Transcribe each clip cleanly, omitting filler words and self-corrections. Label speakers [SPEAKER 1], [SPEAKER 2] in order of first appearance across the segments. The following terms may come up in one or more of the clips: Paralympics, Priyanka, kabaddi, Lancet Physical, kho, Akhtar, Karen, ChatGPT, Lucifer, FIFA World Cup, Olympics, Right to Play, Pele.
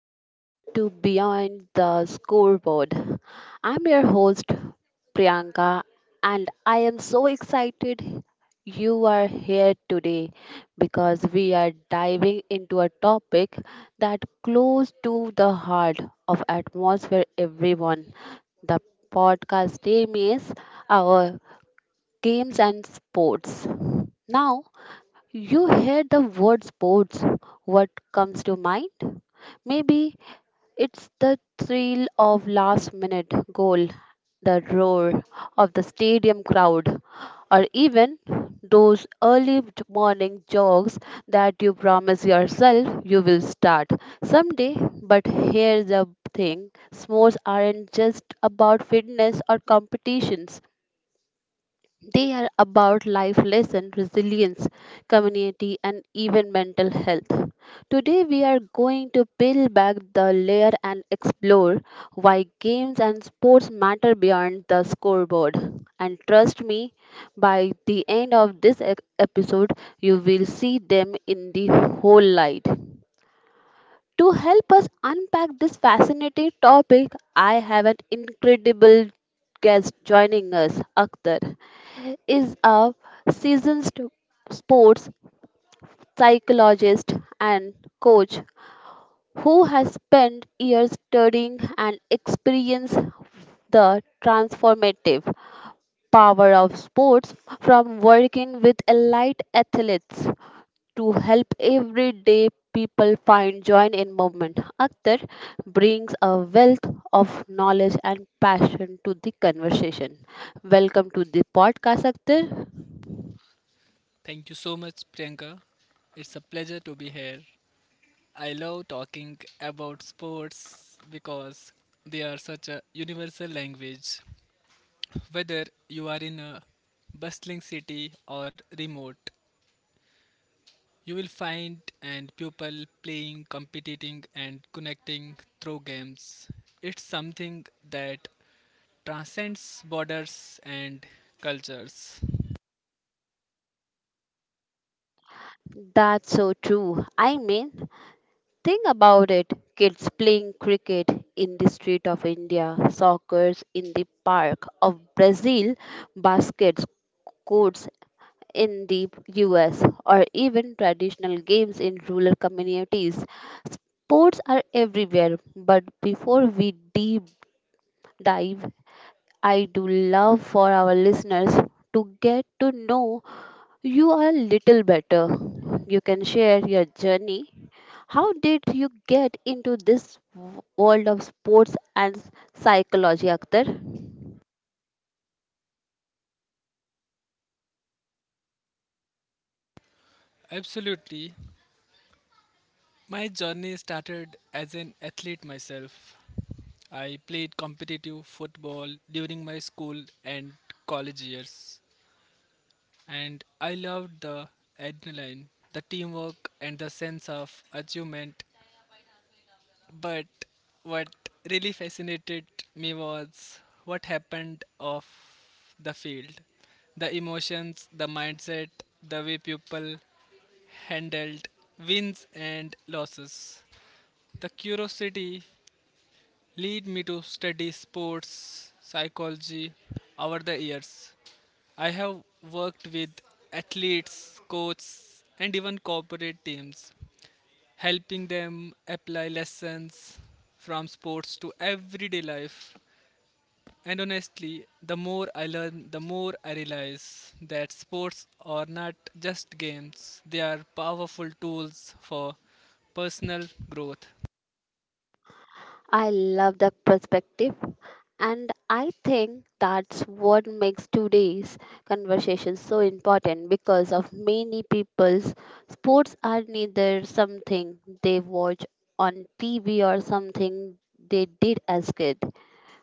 [SPEAKER 1] welcome to Beyond the Scoreboard. I'm your host Priyanka and I am so excited you are here today because we are diving into a topic that close to the heart of atmosphere everyone. The podcast name is our games and sports. Now you hear the word sports, what comes to mind? Maybe it's the thrill of last minute goal, the roar of the stadium crowd, or even those early morning jogs that you promise yourself you will start someday. But here's the thing sports aren't just about fitness or competitions, they are about life lesson, resilience, community, and even mental health. Today, we are going to peel back the layer and explore why games and sports matter beyond the scoreboard. And trust me, by the end of this episode, you will see them in the whole light. To help us unpack this fascinating topic, I have an incredible guest joining us. Akhtar is a seasoned sports psychologist and coach who has spent years studying and experienced the transformative power of sports from working with elite athletes to help everyday people find joy in movement. Akhtar brings a wealth of knowledge and passion to the conversation. Welcome to the podcast, Akhtar.
[SPEAKER 2] Thank you so much, Priyanka. It's a pleasure to be here. I love talking about sports because they are such a universal language. Whether you are in a bustling city or remote, you will find and people playing, competing, and connecting through games. It's something that transcends borders and cultures.
[SPEAKER 1] That's so true. I mean, think about it kids playing cricket in the street of India, soccer in the park of Brazil, baskets courts in the US, or even traditional games in rural communities. Sports are everywhere, but before we deep dive, I do love for our listeners to get to know you are little better. You can share your journey. How did you get into this world of sports and psychology, Akhtar?
[SPEAKER 2] Absolutely. My journey started as an athlete myself. I played competitive football during my school and college years, and I loved the adrenaline, the teamwork, and the sense of achievement. But what really fascinated me was what happened off the field the emotions, the mindset, the way people handled wins and losses. The curiosity led me to study sports psychology over the years. I have worked with athletes, coaches, and even corporate teams, helping them apply lessons from sports to everyday life. And honestly, the more I learn, the more I realize that sports are not just games, they are powerful tools for personal growth.
[SPEAKER 1] I love that perspective. And I think that's what makes today's conversation so important because of many people's sports are neither something they watch on TV or something they did as kid.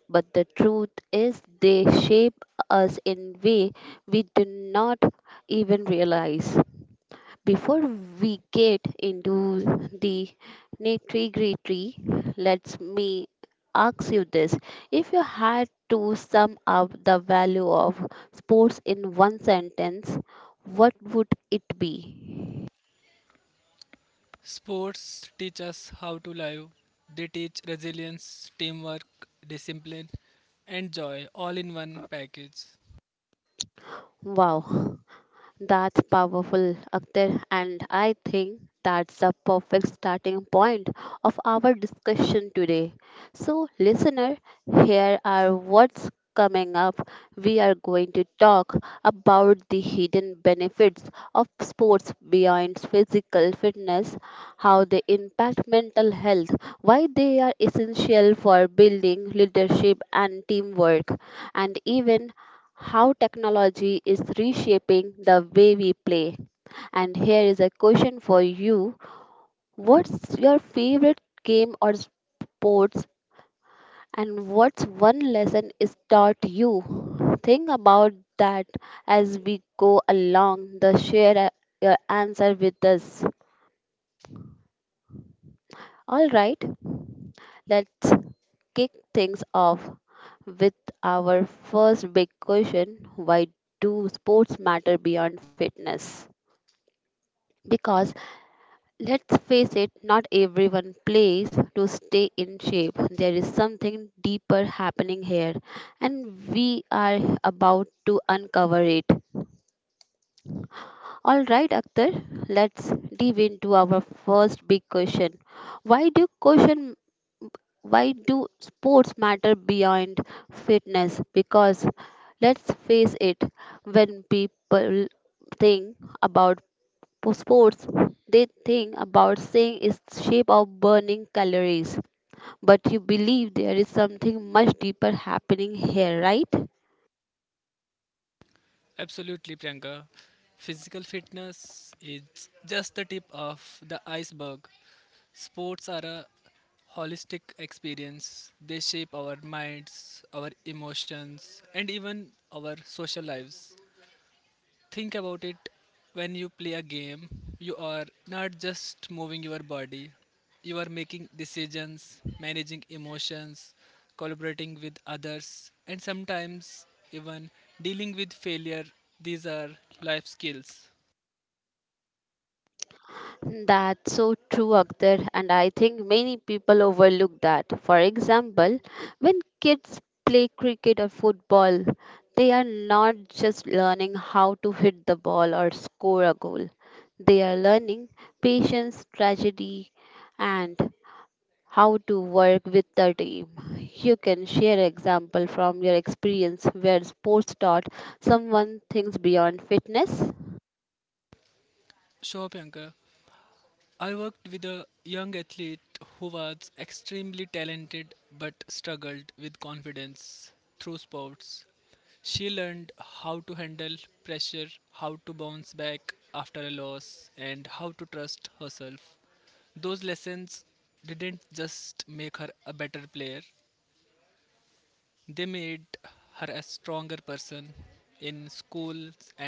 [SPEAKER 1] But the truth is they shape us in way we do not even realize. Before we get into the nitty-gritty, let me ask you this. If you had to sum up the value of sports in one sentence, what would it be?
[SPEAKER 2] Sports teach us how to live. They teach resilience, teamwork, discipline, and joy all in one package.
[SPEAKER 1] Wow. That's powerful, Akhtar, and I think that's the perfect starting point of our discussion today. So, listener, here are what's coming up. We are going to talk about the hidden benefits of sports beyond physical fitness, how they impact mental health, why they are essential for building leadership and teamwork, and even how technology is reshaping the way we play. And here is a question for you. What's your favorite game or sports, and what's one lesson is taught you? Think about that as we go along. The share your answer with us. All right, let's kick things off with our first big question. Why do sports matter beyond fitness? Because let's face it, not everyone plays to stay in shape. There is something deeper happening here, and we are about to uncover it. All right, Akhtar, let's dive into our first big question. Why do question why do sports matter beyond fitness? Because let's face it, when people think about for sports, they think about saying is shape of burning calories. But you believe there is something much deeper happening here, right?
[SPEAKER 2] Absolutely, Priyanka. Physical fitness is just the tip of the iceberg. Sports are a holistic experience. They shape our minds, our emotions, and even our social lives. Think about it when you play a game, you are not just moving your body, you are making decisions, managing emotions, collaborating with others, and sometimes even dealing with failure. These are life skills.
[SPEAKER 1] That's so true, Akhtar, and I think many people overlook that. For example, when kids play cricket or football, they are not just learning how to hit the ball or score a goal, they are learning patience, tragedy, and how to work with the team. You can share example from your experience where sports taught someone things beyond fitness.
[SPEAKER 2] Show up, Yanka. I worked with a young athlete who was extremely talented but struggled with confidence through sports. She learned how to handle pressure, how to bounce back after a loss, and how to trust herself. Those lessons didn't just make her a better player, they made her a stronger person in school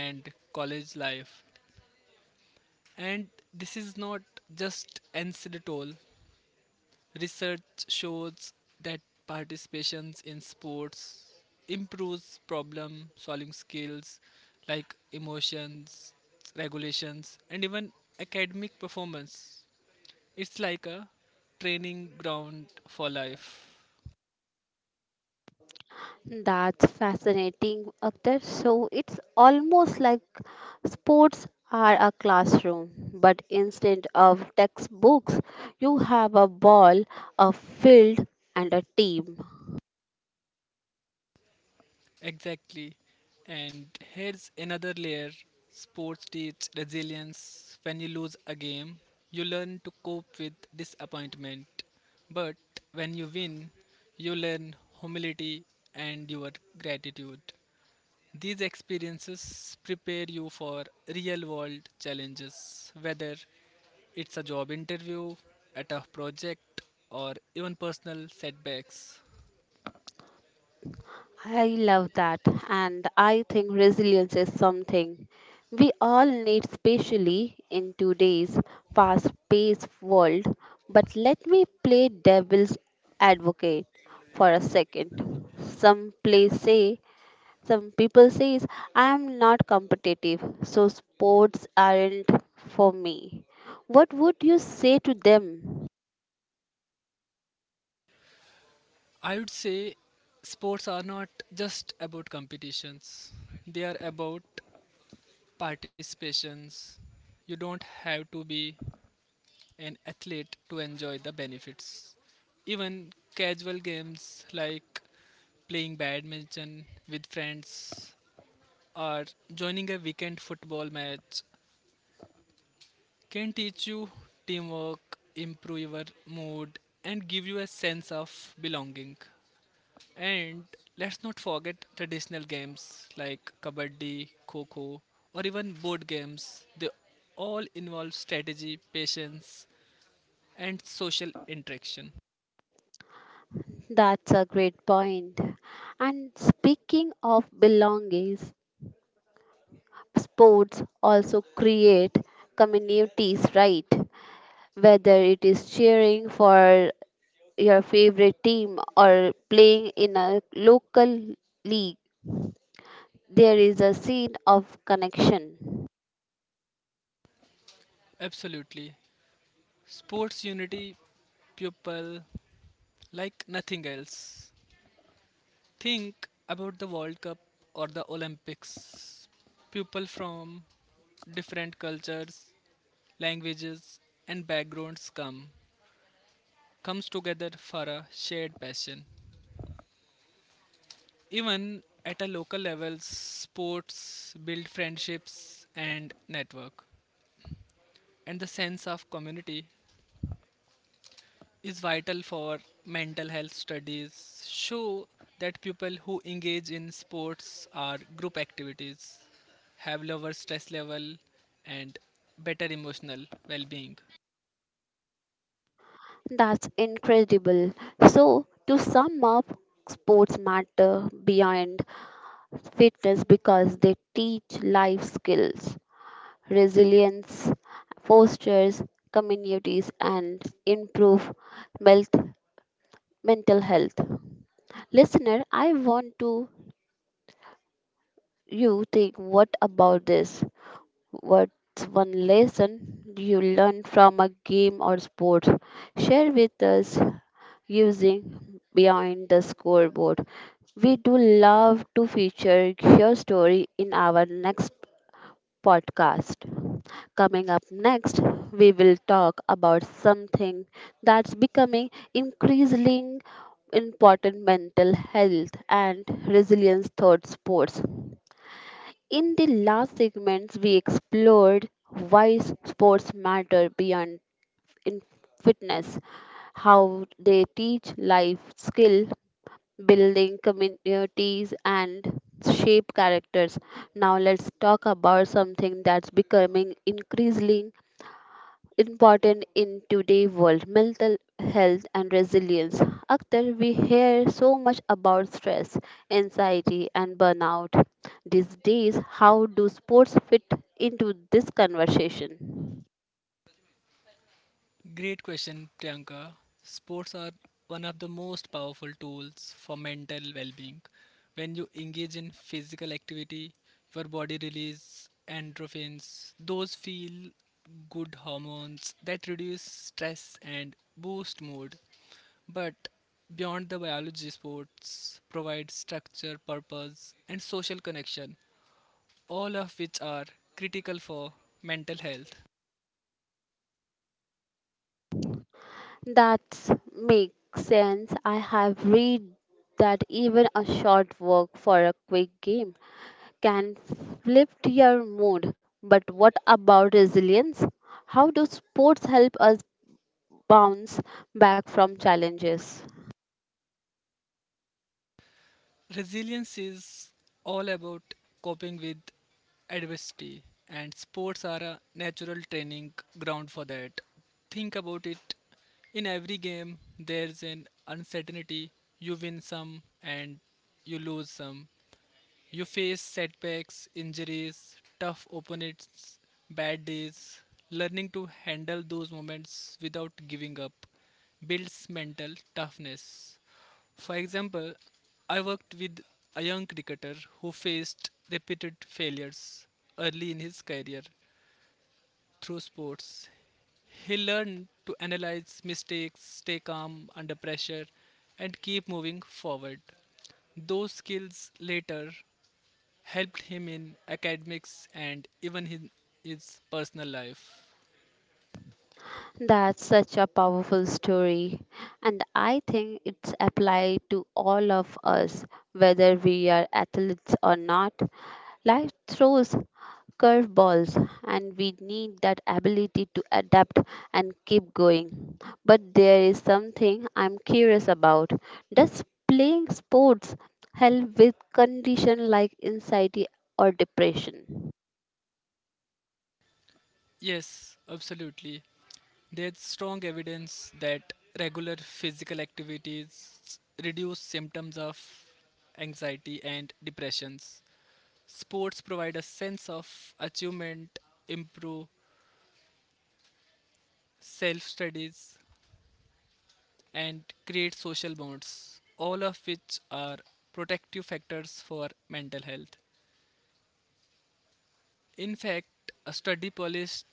[SPEAKER 2] and college life. And this is not just anecdotal, research shows that participations in sports improves problem solving skills like emotions, regulations, and even academic performance. It's like a training ground for life.
[SPEAKER 1] That's fascinating, Akhtar. So it's almost like sports are a classroom, but instead of textbooks, you have a ball, a field, and a team.
[SPEAKER 2] Exactly. And here's another layer sports teach resilience. When you lose a game, you learn to cope with disappointment. But when you win, you learn humility and your gratitude. These experiences prepare you for real world challenges, whether it's a job interview, a tough project, or even personal setbacks.
[SPEAKER 1] I love that. And I think resilience is something we all need, especially in today's fast paced world. But let me play devil's advocate for a second. Some people says I am not competitive, so sports aren't for me. What would you say to them?
[SPEAKER 2] I would say sports are not just about competitions, they are about participations. You don't have to be an athlete to enjoy the benefits. Even casual games like playing badminton with friends or joining a weekend football match can teach you teamwork, improve your mood, and give you a sense of belonging. And let's not forget traditional games like kabaddi, kho or even board games. They all involve strategy, patience, and social interaction.
[SPEAKER 1] That's a great point. And speaking of belongings, sports also create communities, right? Whether it is cheering for your favorite team or playing in a local league, there is a scene of connection.
[SPEAKER 2] Absolutely. Sports unity people like nothing else. Think about the World Cup or the Olympics. People from different cultures, languages, and backgrounds comes together for a shared passion. Even at a local level, sports build friendships and network. And the sense of community is vital for mental health studies show that people who engage in sports or group activities have lower stress level and better emotional well-being.
[SPEAKER 1] That's incredible. So to sum up, sports matter beyond fitness because they teach life skills, resilience, fosters communities and improve mental mental health. Listener, I want to you think what about this? What's one lesson you learned from a game or sport? Share with us using Beyond the Scoreboard. We do love to feature your story in our next podcast. Coming up next, we will talk about something that's becoming increasingly important mental health and resilience thought sports. In the last segments, we explored why sports matter beyond in fitness, how they teach life skill, building communities and shape characters. Now let's talk about something that's becoming increasingly important in today's world, mental health and resilience. Akhtar, we hear so much about stress, anxiety and burnout these days. How do sports fit into this conversation?
[SPEAKER 2] Great question, Priyanka. Sports are one of the most powerful tools for mental well being. When you engage in physical activity, your body releases endorphins, those feel good hormones that reduce stress and boost mood. But beyond the biology, sports provide structure, purpose, and social connection, all of which are critical for mental health.
[SPEAKER 1] That makes sense. I have read that even a short walk for a quick game can flip your mood. But what about resilience? How do sports help us bounce back from challenges?
[SPEAKER 2] Resilience is all about coping with adversity, and sports are a natural training ground for that. Think about it in every game, there's an uncertainty. You win some and you lose some, you face setbacks, injuries, tough opponents, bad days. Learning to handle those moments without giving up builds mental toughness. For example, I worked with a young cricketer who faced repeated failures early in his career through sports. He learned to analyze mistakes, stay calm under pressure, and keep moving forward. Those skills later helped him in academics and even in his personal life.
[SPEAKER 1] That's such a powerful story, and I think it's applied to all of us, whether we are athletes or not. Life throws curveballs, and we need that ability to adapt and keep going. But there is something I'm curious about. Does playing sports help with condition like anxiety or depression?
[SPEAKER 2] Yes, absolutely. There's strong evidence that regular physical activities reduce symptoms of anxiety and depressions. Sports provide a sense of achievement, improve self studies, and create social bonds, all of which are protective factors for mental health. In fact, a study published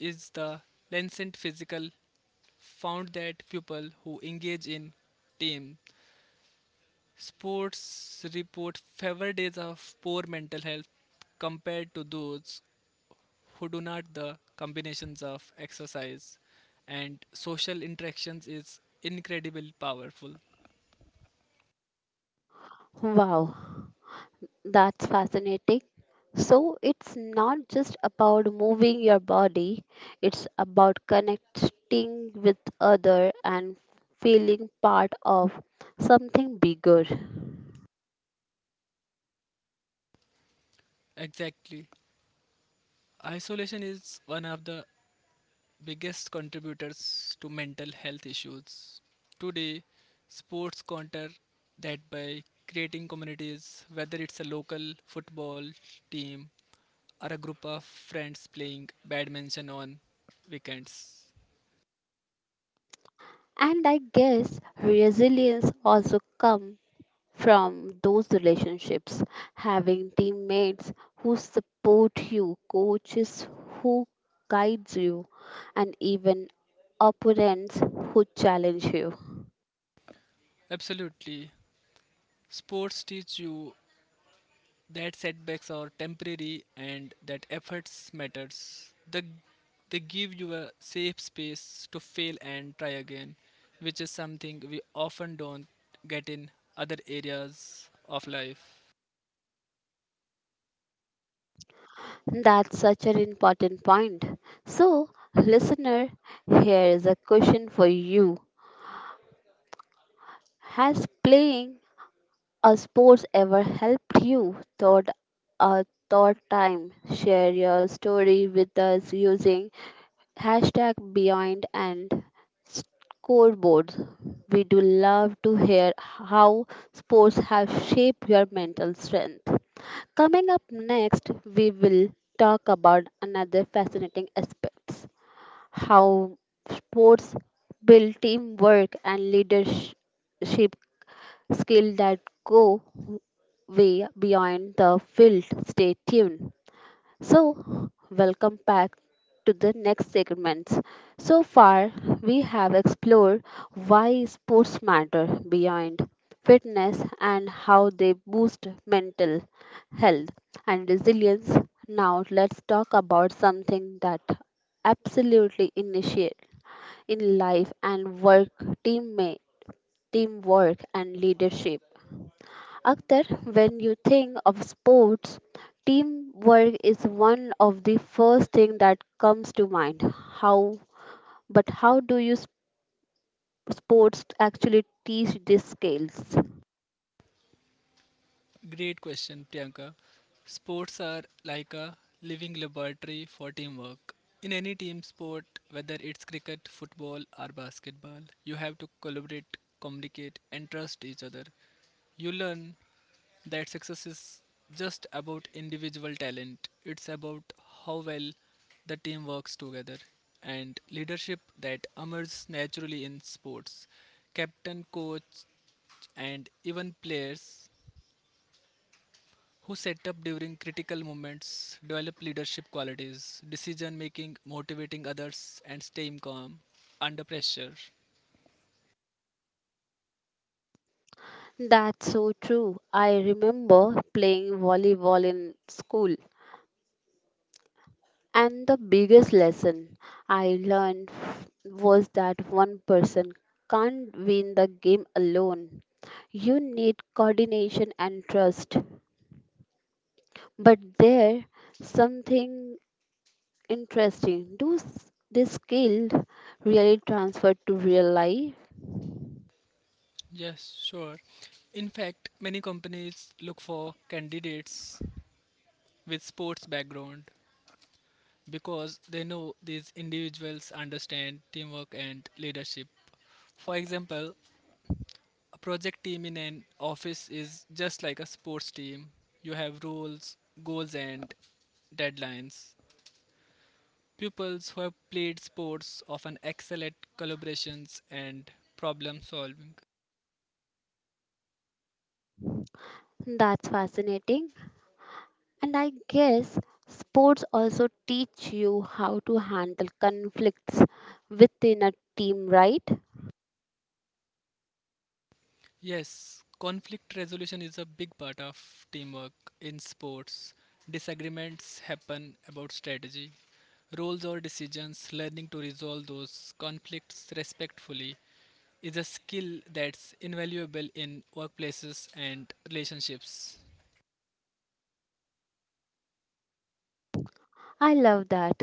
[SPEAKER 2] is the Lancet Physical found that people who engage in team sports report fewer days of poor mental health compared to those who do not the combinations of exercise and social interactions is incredibly powerful
[SPEAKER 1] Wow, that's fascinating. So it's not just about moving your body, it's about connecting with other and feeling part of something bigger.
[SPEAKER 2] exactly isolation is one of the biggest contributors to mental health issues. Today, sports counter that by creating communities, whether it's a local football team or a group of friends playing badminton on weekends.
[SPEAKER 1] And I guess resilience also comes from those relationships, having teammates who support you, coaches who guides you, and even opponents who challenge you.
[SPEAKER 2] Absolutely. Sports teach you that setbacks are temporary and that efforts matters. They give you a safe space to fail and try again, which is something we often don't get in other areas of life.
[SPEAKER 1] That's such an important point. So, listener, here is a question for you. Has playing a sports ever helped you? Thought a thought time. Share your story with us using hashtag Beyond and scoreboards. We do love to hear how sports have shaped your mental strength. Coming up next, we will talk about another fascinating aspects: how sports build teamwork and leadership skills that go way beyond the field. Stay tuned. So, welcome back to the next segments. So far, we have explored why sports matter beyond fitness and how they boost mental health and resilience. Now, let's talk about something that absolutely initiate in life and work, teammate teamwork and leadership. Akhtar, when you think of sports, teamwork is one of the first thing that comes to mind. How but how do you sports actually teach these skills?
[SPEAKER 2] Great question, Priyanka. Sports are like a living laboratory for teamwork. In any team sport, whether it's cricket, football, or basketball, you have to collaborate, communicate, and trust each other. You learn that success is just about individual talent, it's about how well the team works together and leadership that emerges naturally in sports. Captain, coach, and even players who set up during critical moments, develop leadership qualities, decision making, motivating others, and staying calm under pressure.
[SPEAKER 1] That's so true. I remember playing volleyball in school and the biggest lesson I learned was that one person can't win the game alone. You need coordination and trust. But there something interesting. Do this skill really transfer to real life?
[SPEAKER 2] Yes, sure. In fact, many companies look for candidates with sports background because they know these individuals understand teamwork and leadership. For example, a project team in an office is just like a sports team. You have rules, goals, and deadlines. Pupils who have played sports often excel at collaborations and problem solving.
[SPEAKER 1] That's fascinating. And I guess sports also teach you how to handle conflicts within a team, right?
[SPEAKER 2] Yes, conflict resolution is a big part of teamwork in sports. Disagreements happen about strategy, roles, or decisions. Learning to resolve those conflicts respectfully is a skill that's invaluable in workplaces and relationships.
[SPEAKER 1] I love that.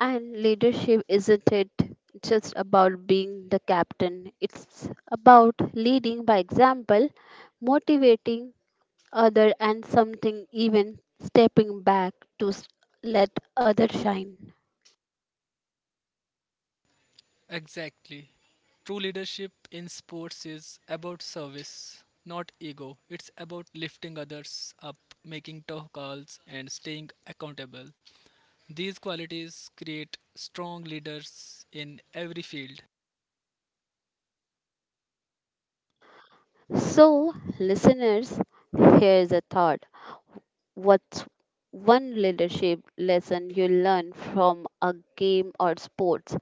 [SPEAKER 1] And leadership isn't it just about being the captain? It's about leading by example, motivating other and something even stepping back to let other shine.
[SPEAKER 2] Exactly. True leadership in sports is about service, not ego. It's about lifting others up, making tough calls, and staying accountable. These qualities create strong leaders in every field.
[SPEAKER 1] So listeners, here's a thought. What's one leadership lesson you learn from a game or sports?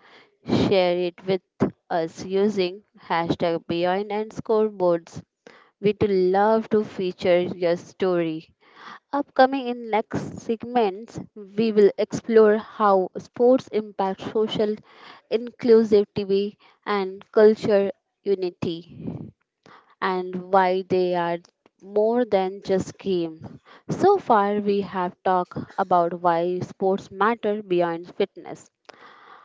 [SPEAKER 1] Share it with us using hashtag beyond and scoreboards. We'd love to feature your story. Upcoming in next segments, we will explore how sports impact social inclusivity and culture unity and why they are more than just game. So far we have talked about why sports matter beyond fitness,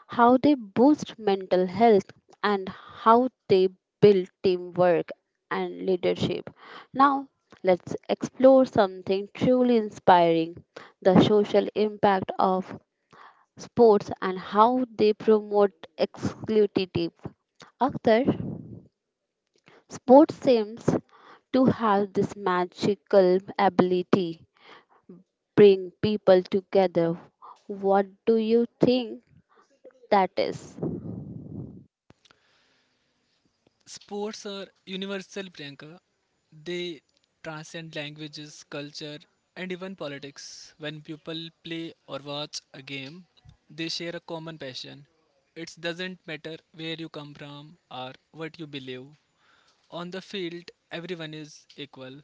[SPEAKER 1] how they boost mental health, and how they build teamwork and leadership. Now, let's explore something truly inspiring, the social impact of sports and how they promote exclusivity. Akhtar, sports seems to have this magical ability bring people together. What do you think that is?
[SPEAKER 2] Sports are universal, Priyanka. They transcend languages, culture, and even politics. When people play or watch a game, they share a common passion. It doesn't matter where you come from or what you believe. On the field, everyone is equal.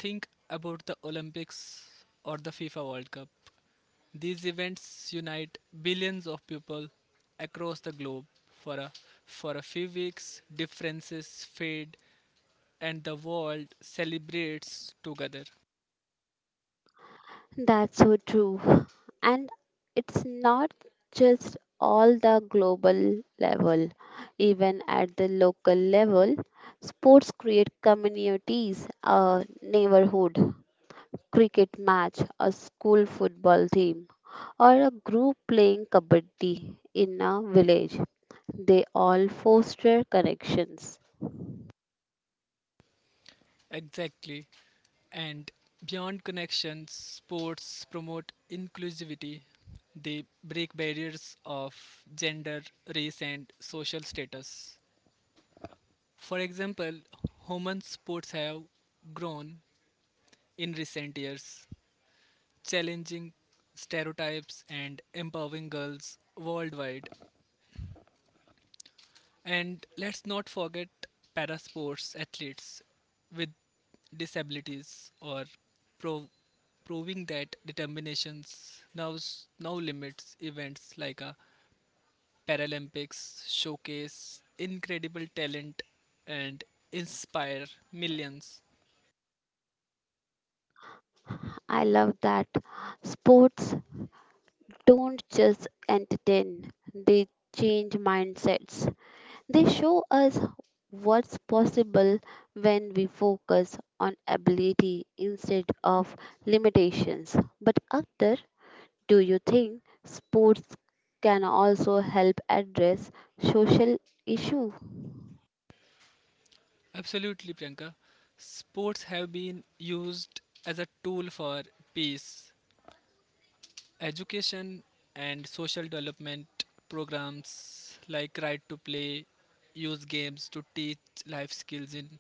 [SPEAKER 2] Think about the Olympics or the FIFA World Cup. These events unite billions of people across the globe for a few weeks. Differences fade and the world celebrates together.
[SPEAKER 1] That's so true. And it's not just all the global level, even at the local level, sports create communities, a neighborhood cricket match, a school football team, or a group playing kabaddi in a village. They all foster connections.
[SPEAKER 2] Exactly. And beyond connections, sports promote inclusivity. They break barriers of gender, race, and social status. For example, women's sports have grown in recent years challenging stereotypes and empowering girls worldwide. And let's not forget para sports athletes with disabilities or pro- proving that determinations now limits events like a Paralympics showcase incredible talent and inspire millions.
[SPEAKER 1] I love that sports don't just entertain, they change mindsets. They show us what's possible when we focus on ability instead of limitations. But, Akhtar, do you think sports can also help address social issue?
[SPEAKER 2] Absolutely, Priyanka. Sports have been used as a tool for peace, education and social development programs like Right to Play use games to teach life skills in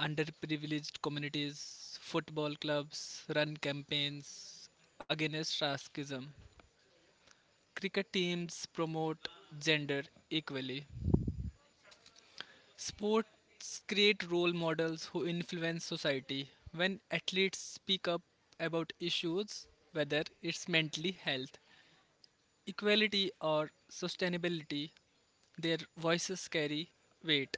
[SPEAKER 2] underprivileged communities. Football clubs run campaigns against racism. Cricket teams promote gender equally. Sports create role models who influence society. When athletes speak up about issues, whether it's mentally health, equality or sustainability, their voices carry weight.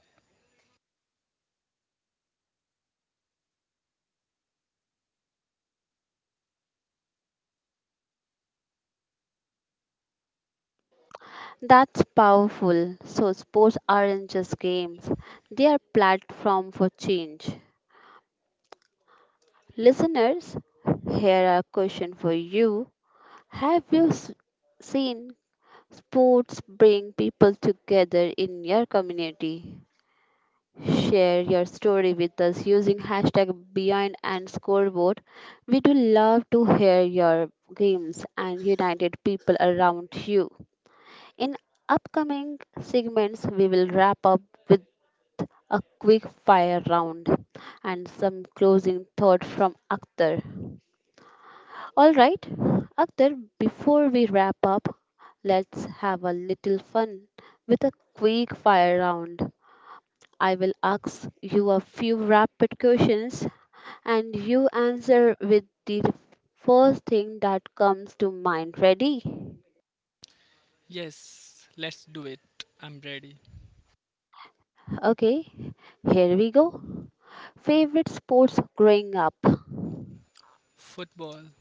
[SPEAKER 1] That's powerful. So, sports aren't just games, they are platform for change. Listeners, here a question for you. Have you seen sports bring people together in your community. Share your story with us using hashtag Beyond and Scoreboard. We do love to hear your games and united people around you. In upcoming segments, we will wrap up with a quick fire round and some closing thought from Akhtar. All right, Akhtar, before we wrap up, let's have a little fun with a quick fire round. I will ask you a few rapid questions and you answer with the first thing that comes to mind. Ready?
[SPEAKER 2] Yes, let's do it. I'm ready.
[SPEAKER 1] Okay, here we go. Favorite sports growing up?
[SPEAKER 2] Football.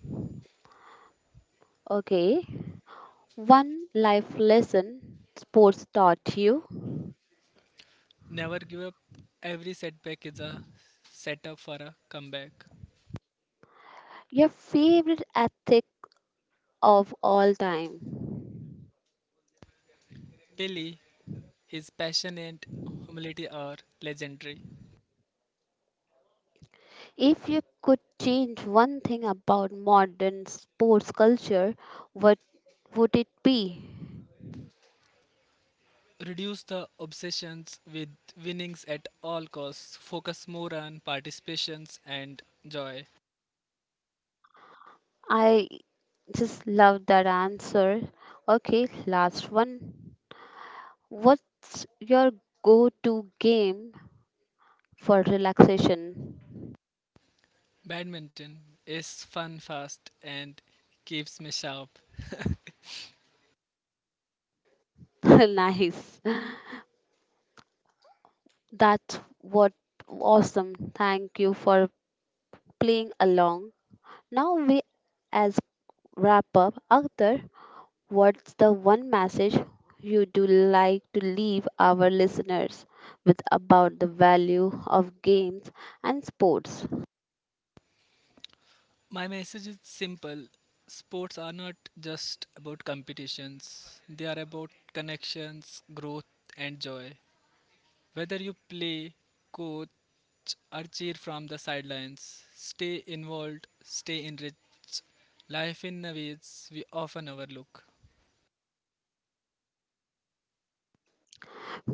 [SPEAKER 1] Okay, one life lesson sports taught you.
[SPEAKER 2] Never give up. Every setback is a setup for a comeback.
[SPEAKER 1] Your favorite athlete of all time?
[SPEAKER 2] Pele, his passion and humility are legendary.
[SPEAKER 1] If you could change one thing about modern sports culture, what would it be?
[SPEAKER 2] Reduce the obsessions with winnings at all costs. Focus more on participations and joy.
[SPEAKER 1] I just love that answer. Okay, last one. What's your go to game for relaxation?
[SPEAKER 2] Badminton is fun, fast, and keeps me sharp.
[SPEAKER 1] Nice. That's what awesome. Thank you for playing along. Now we as wrap up. Akhtar, what's the one message you do like to leave our listeners with about the value of games and sports?
[SPEAKER 2] My message is simple. Sports are not just about competitions, they are about connections, growth, and joy. Whether you play, coach, or cheer from the sidelines, stay involved, stay enriched. Life in a ways we often overlook.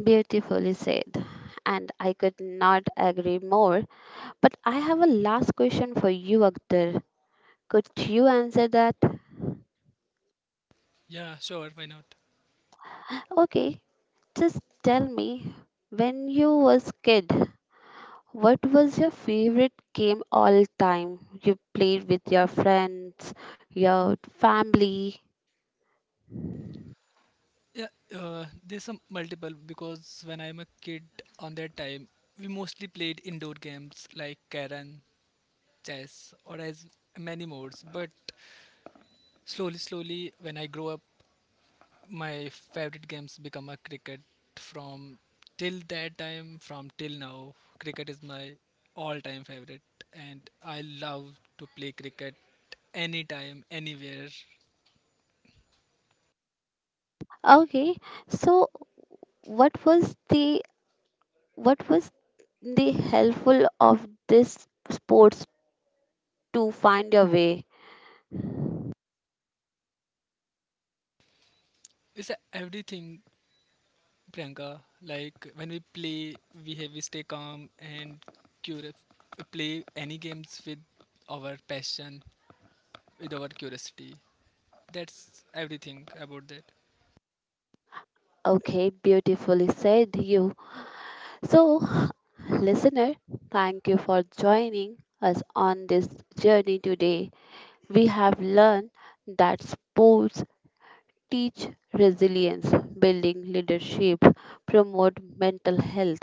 [SPEAKER 1] Beautifully said. And I could not agree more. But I have a last question for you, Akhtar. Could you answer that?
[SPEAKER 2] Yeah, sure, why not?
[SPEAKER 1] Okay, just tell me when you was kid, what was your favorite game all time you played with your friends, your family?
[SPEAKER 2] Yeah, there's some multiple because when I'm a kid on that time, we mostly played indoor games like Karen, chess, or as many modes. But slowly slowly when I grow up my favorite games become a cricket from till that time from till now cricket is my all time favorite and I love to play cricket anytime anywhere.
[SPEAKER 1] Okay, so what was the what was the helpful of this sports to find your way?
[SPEAKER 2] It's a everything Priyanka like when we play we stay calm and curious play any games with our passion with our curiosity that's everything about that.
[SPEAKER 1] Okay, beautifully said you. So, listener, thank you for joining us on this journey today. We have learned that sports teach resilience, building leadership, promote mental health,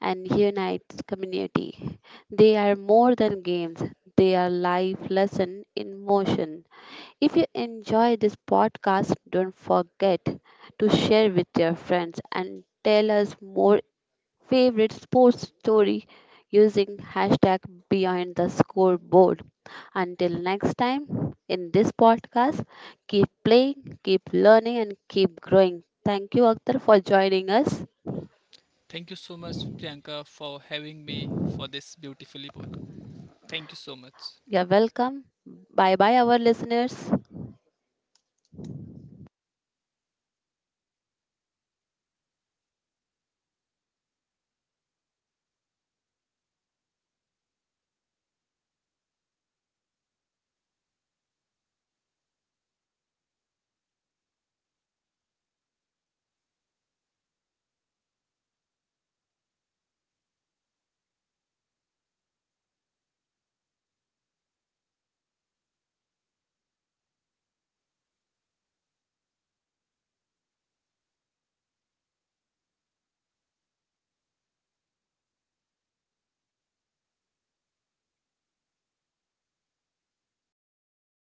[SPEAKER 1] and unite community. They are more than games, they are life lesson in motion. If you enjoy this podcast, don't forget to share with your friends and tell us more favorite sports story using hashtag behind the scoreboard. Until next time in this podcast, keep playing, keep learning, and keep growing. Thank you, Akhtar, for joining us.
[SPEAKER 2] Thank you so much, Priyanka, for having me for this beautifully pod. Thank you so much.
[SPEAKER 1] You're welcome. Bye bye, our listeners.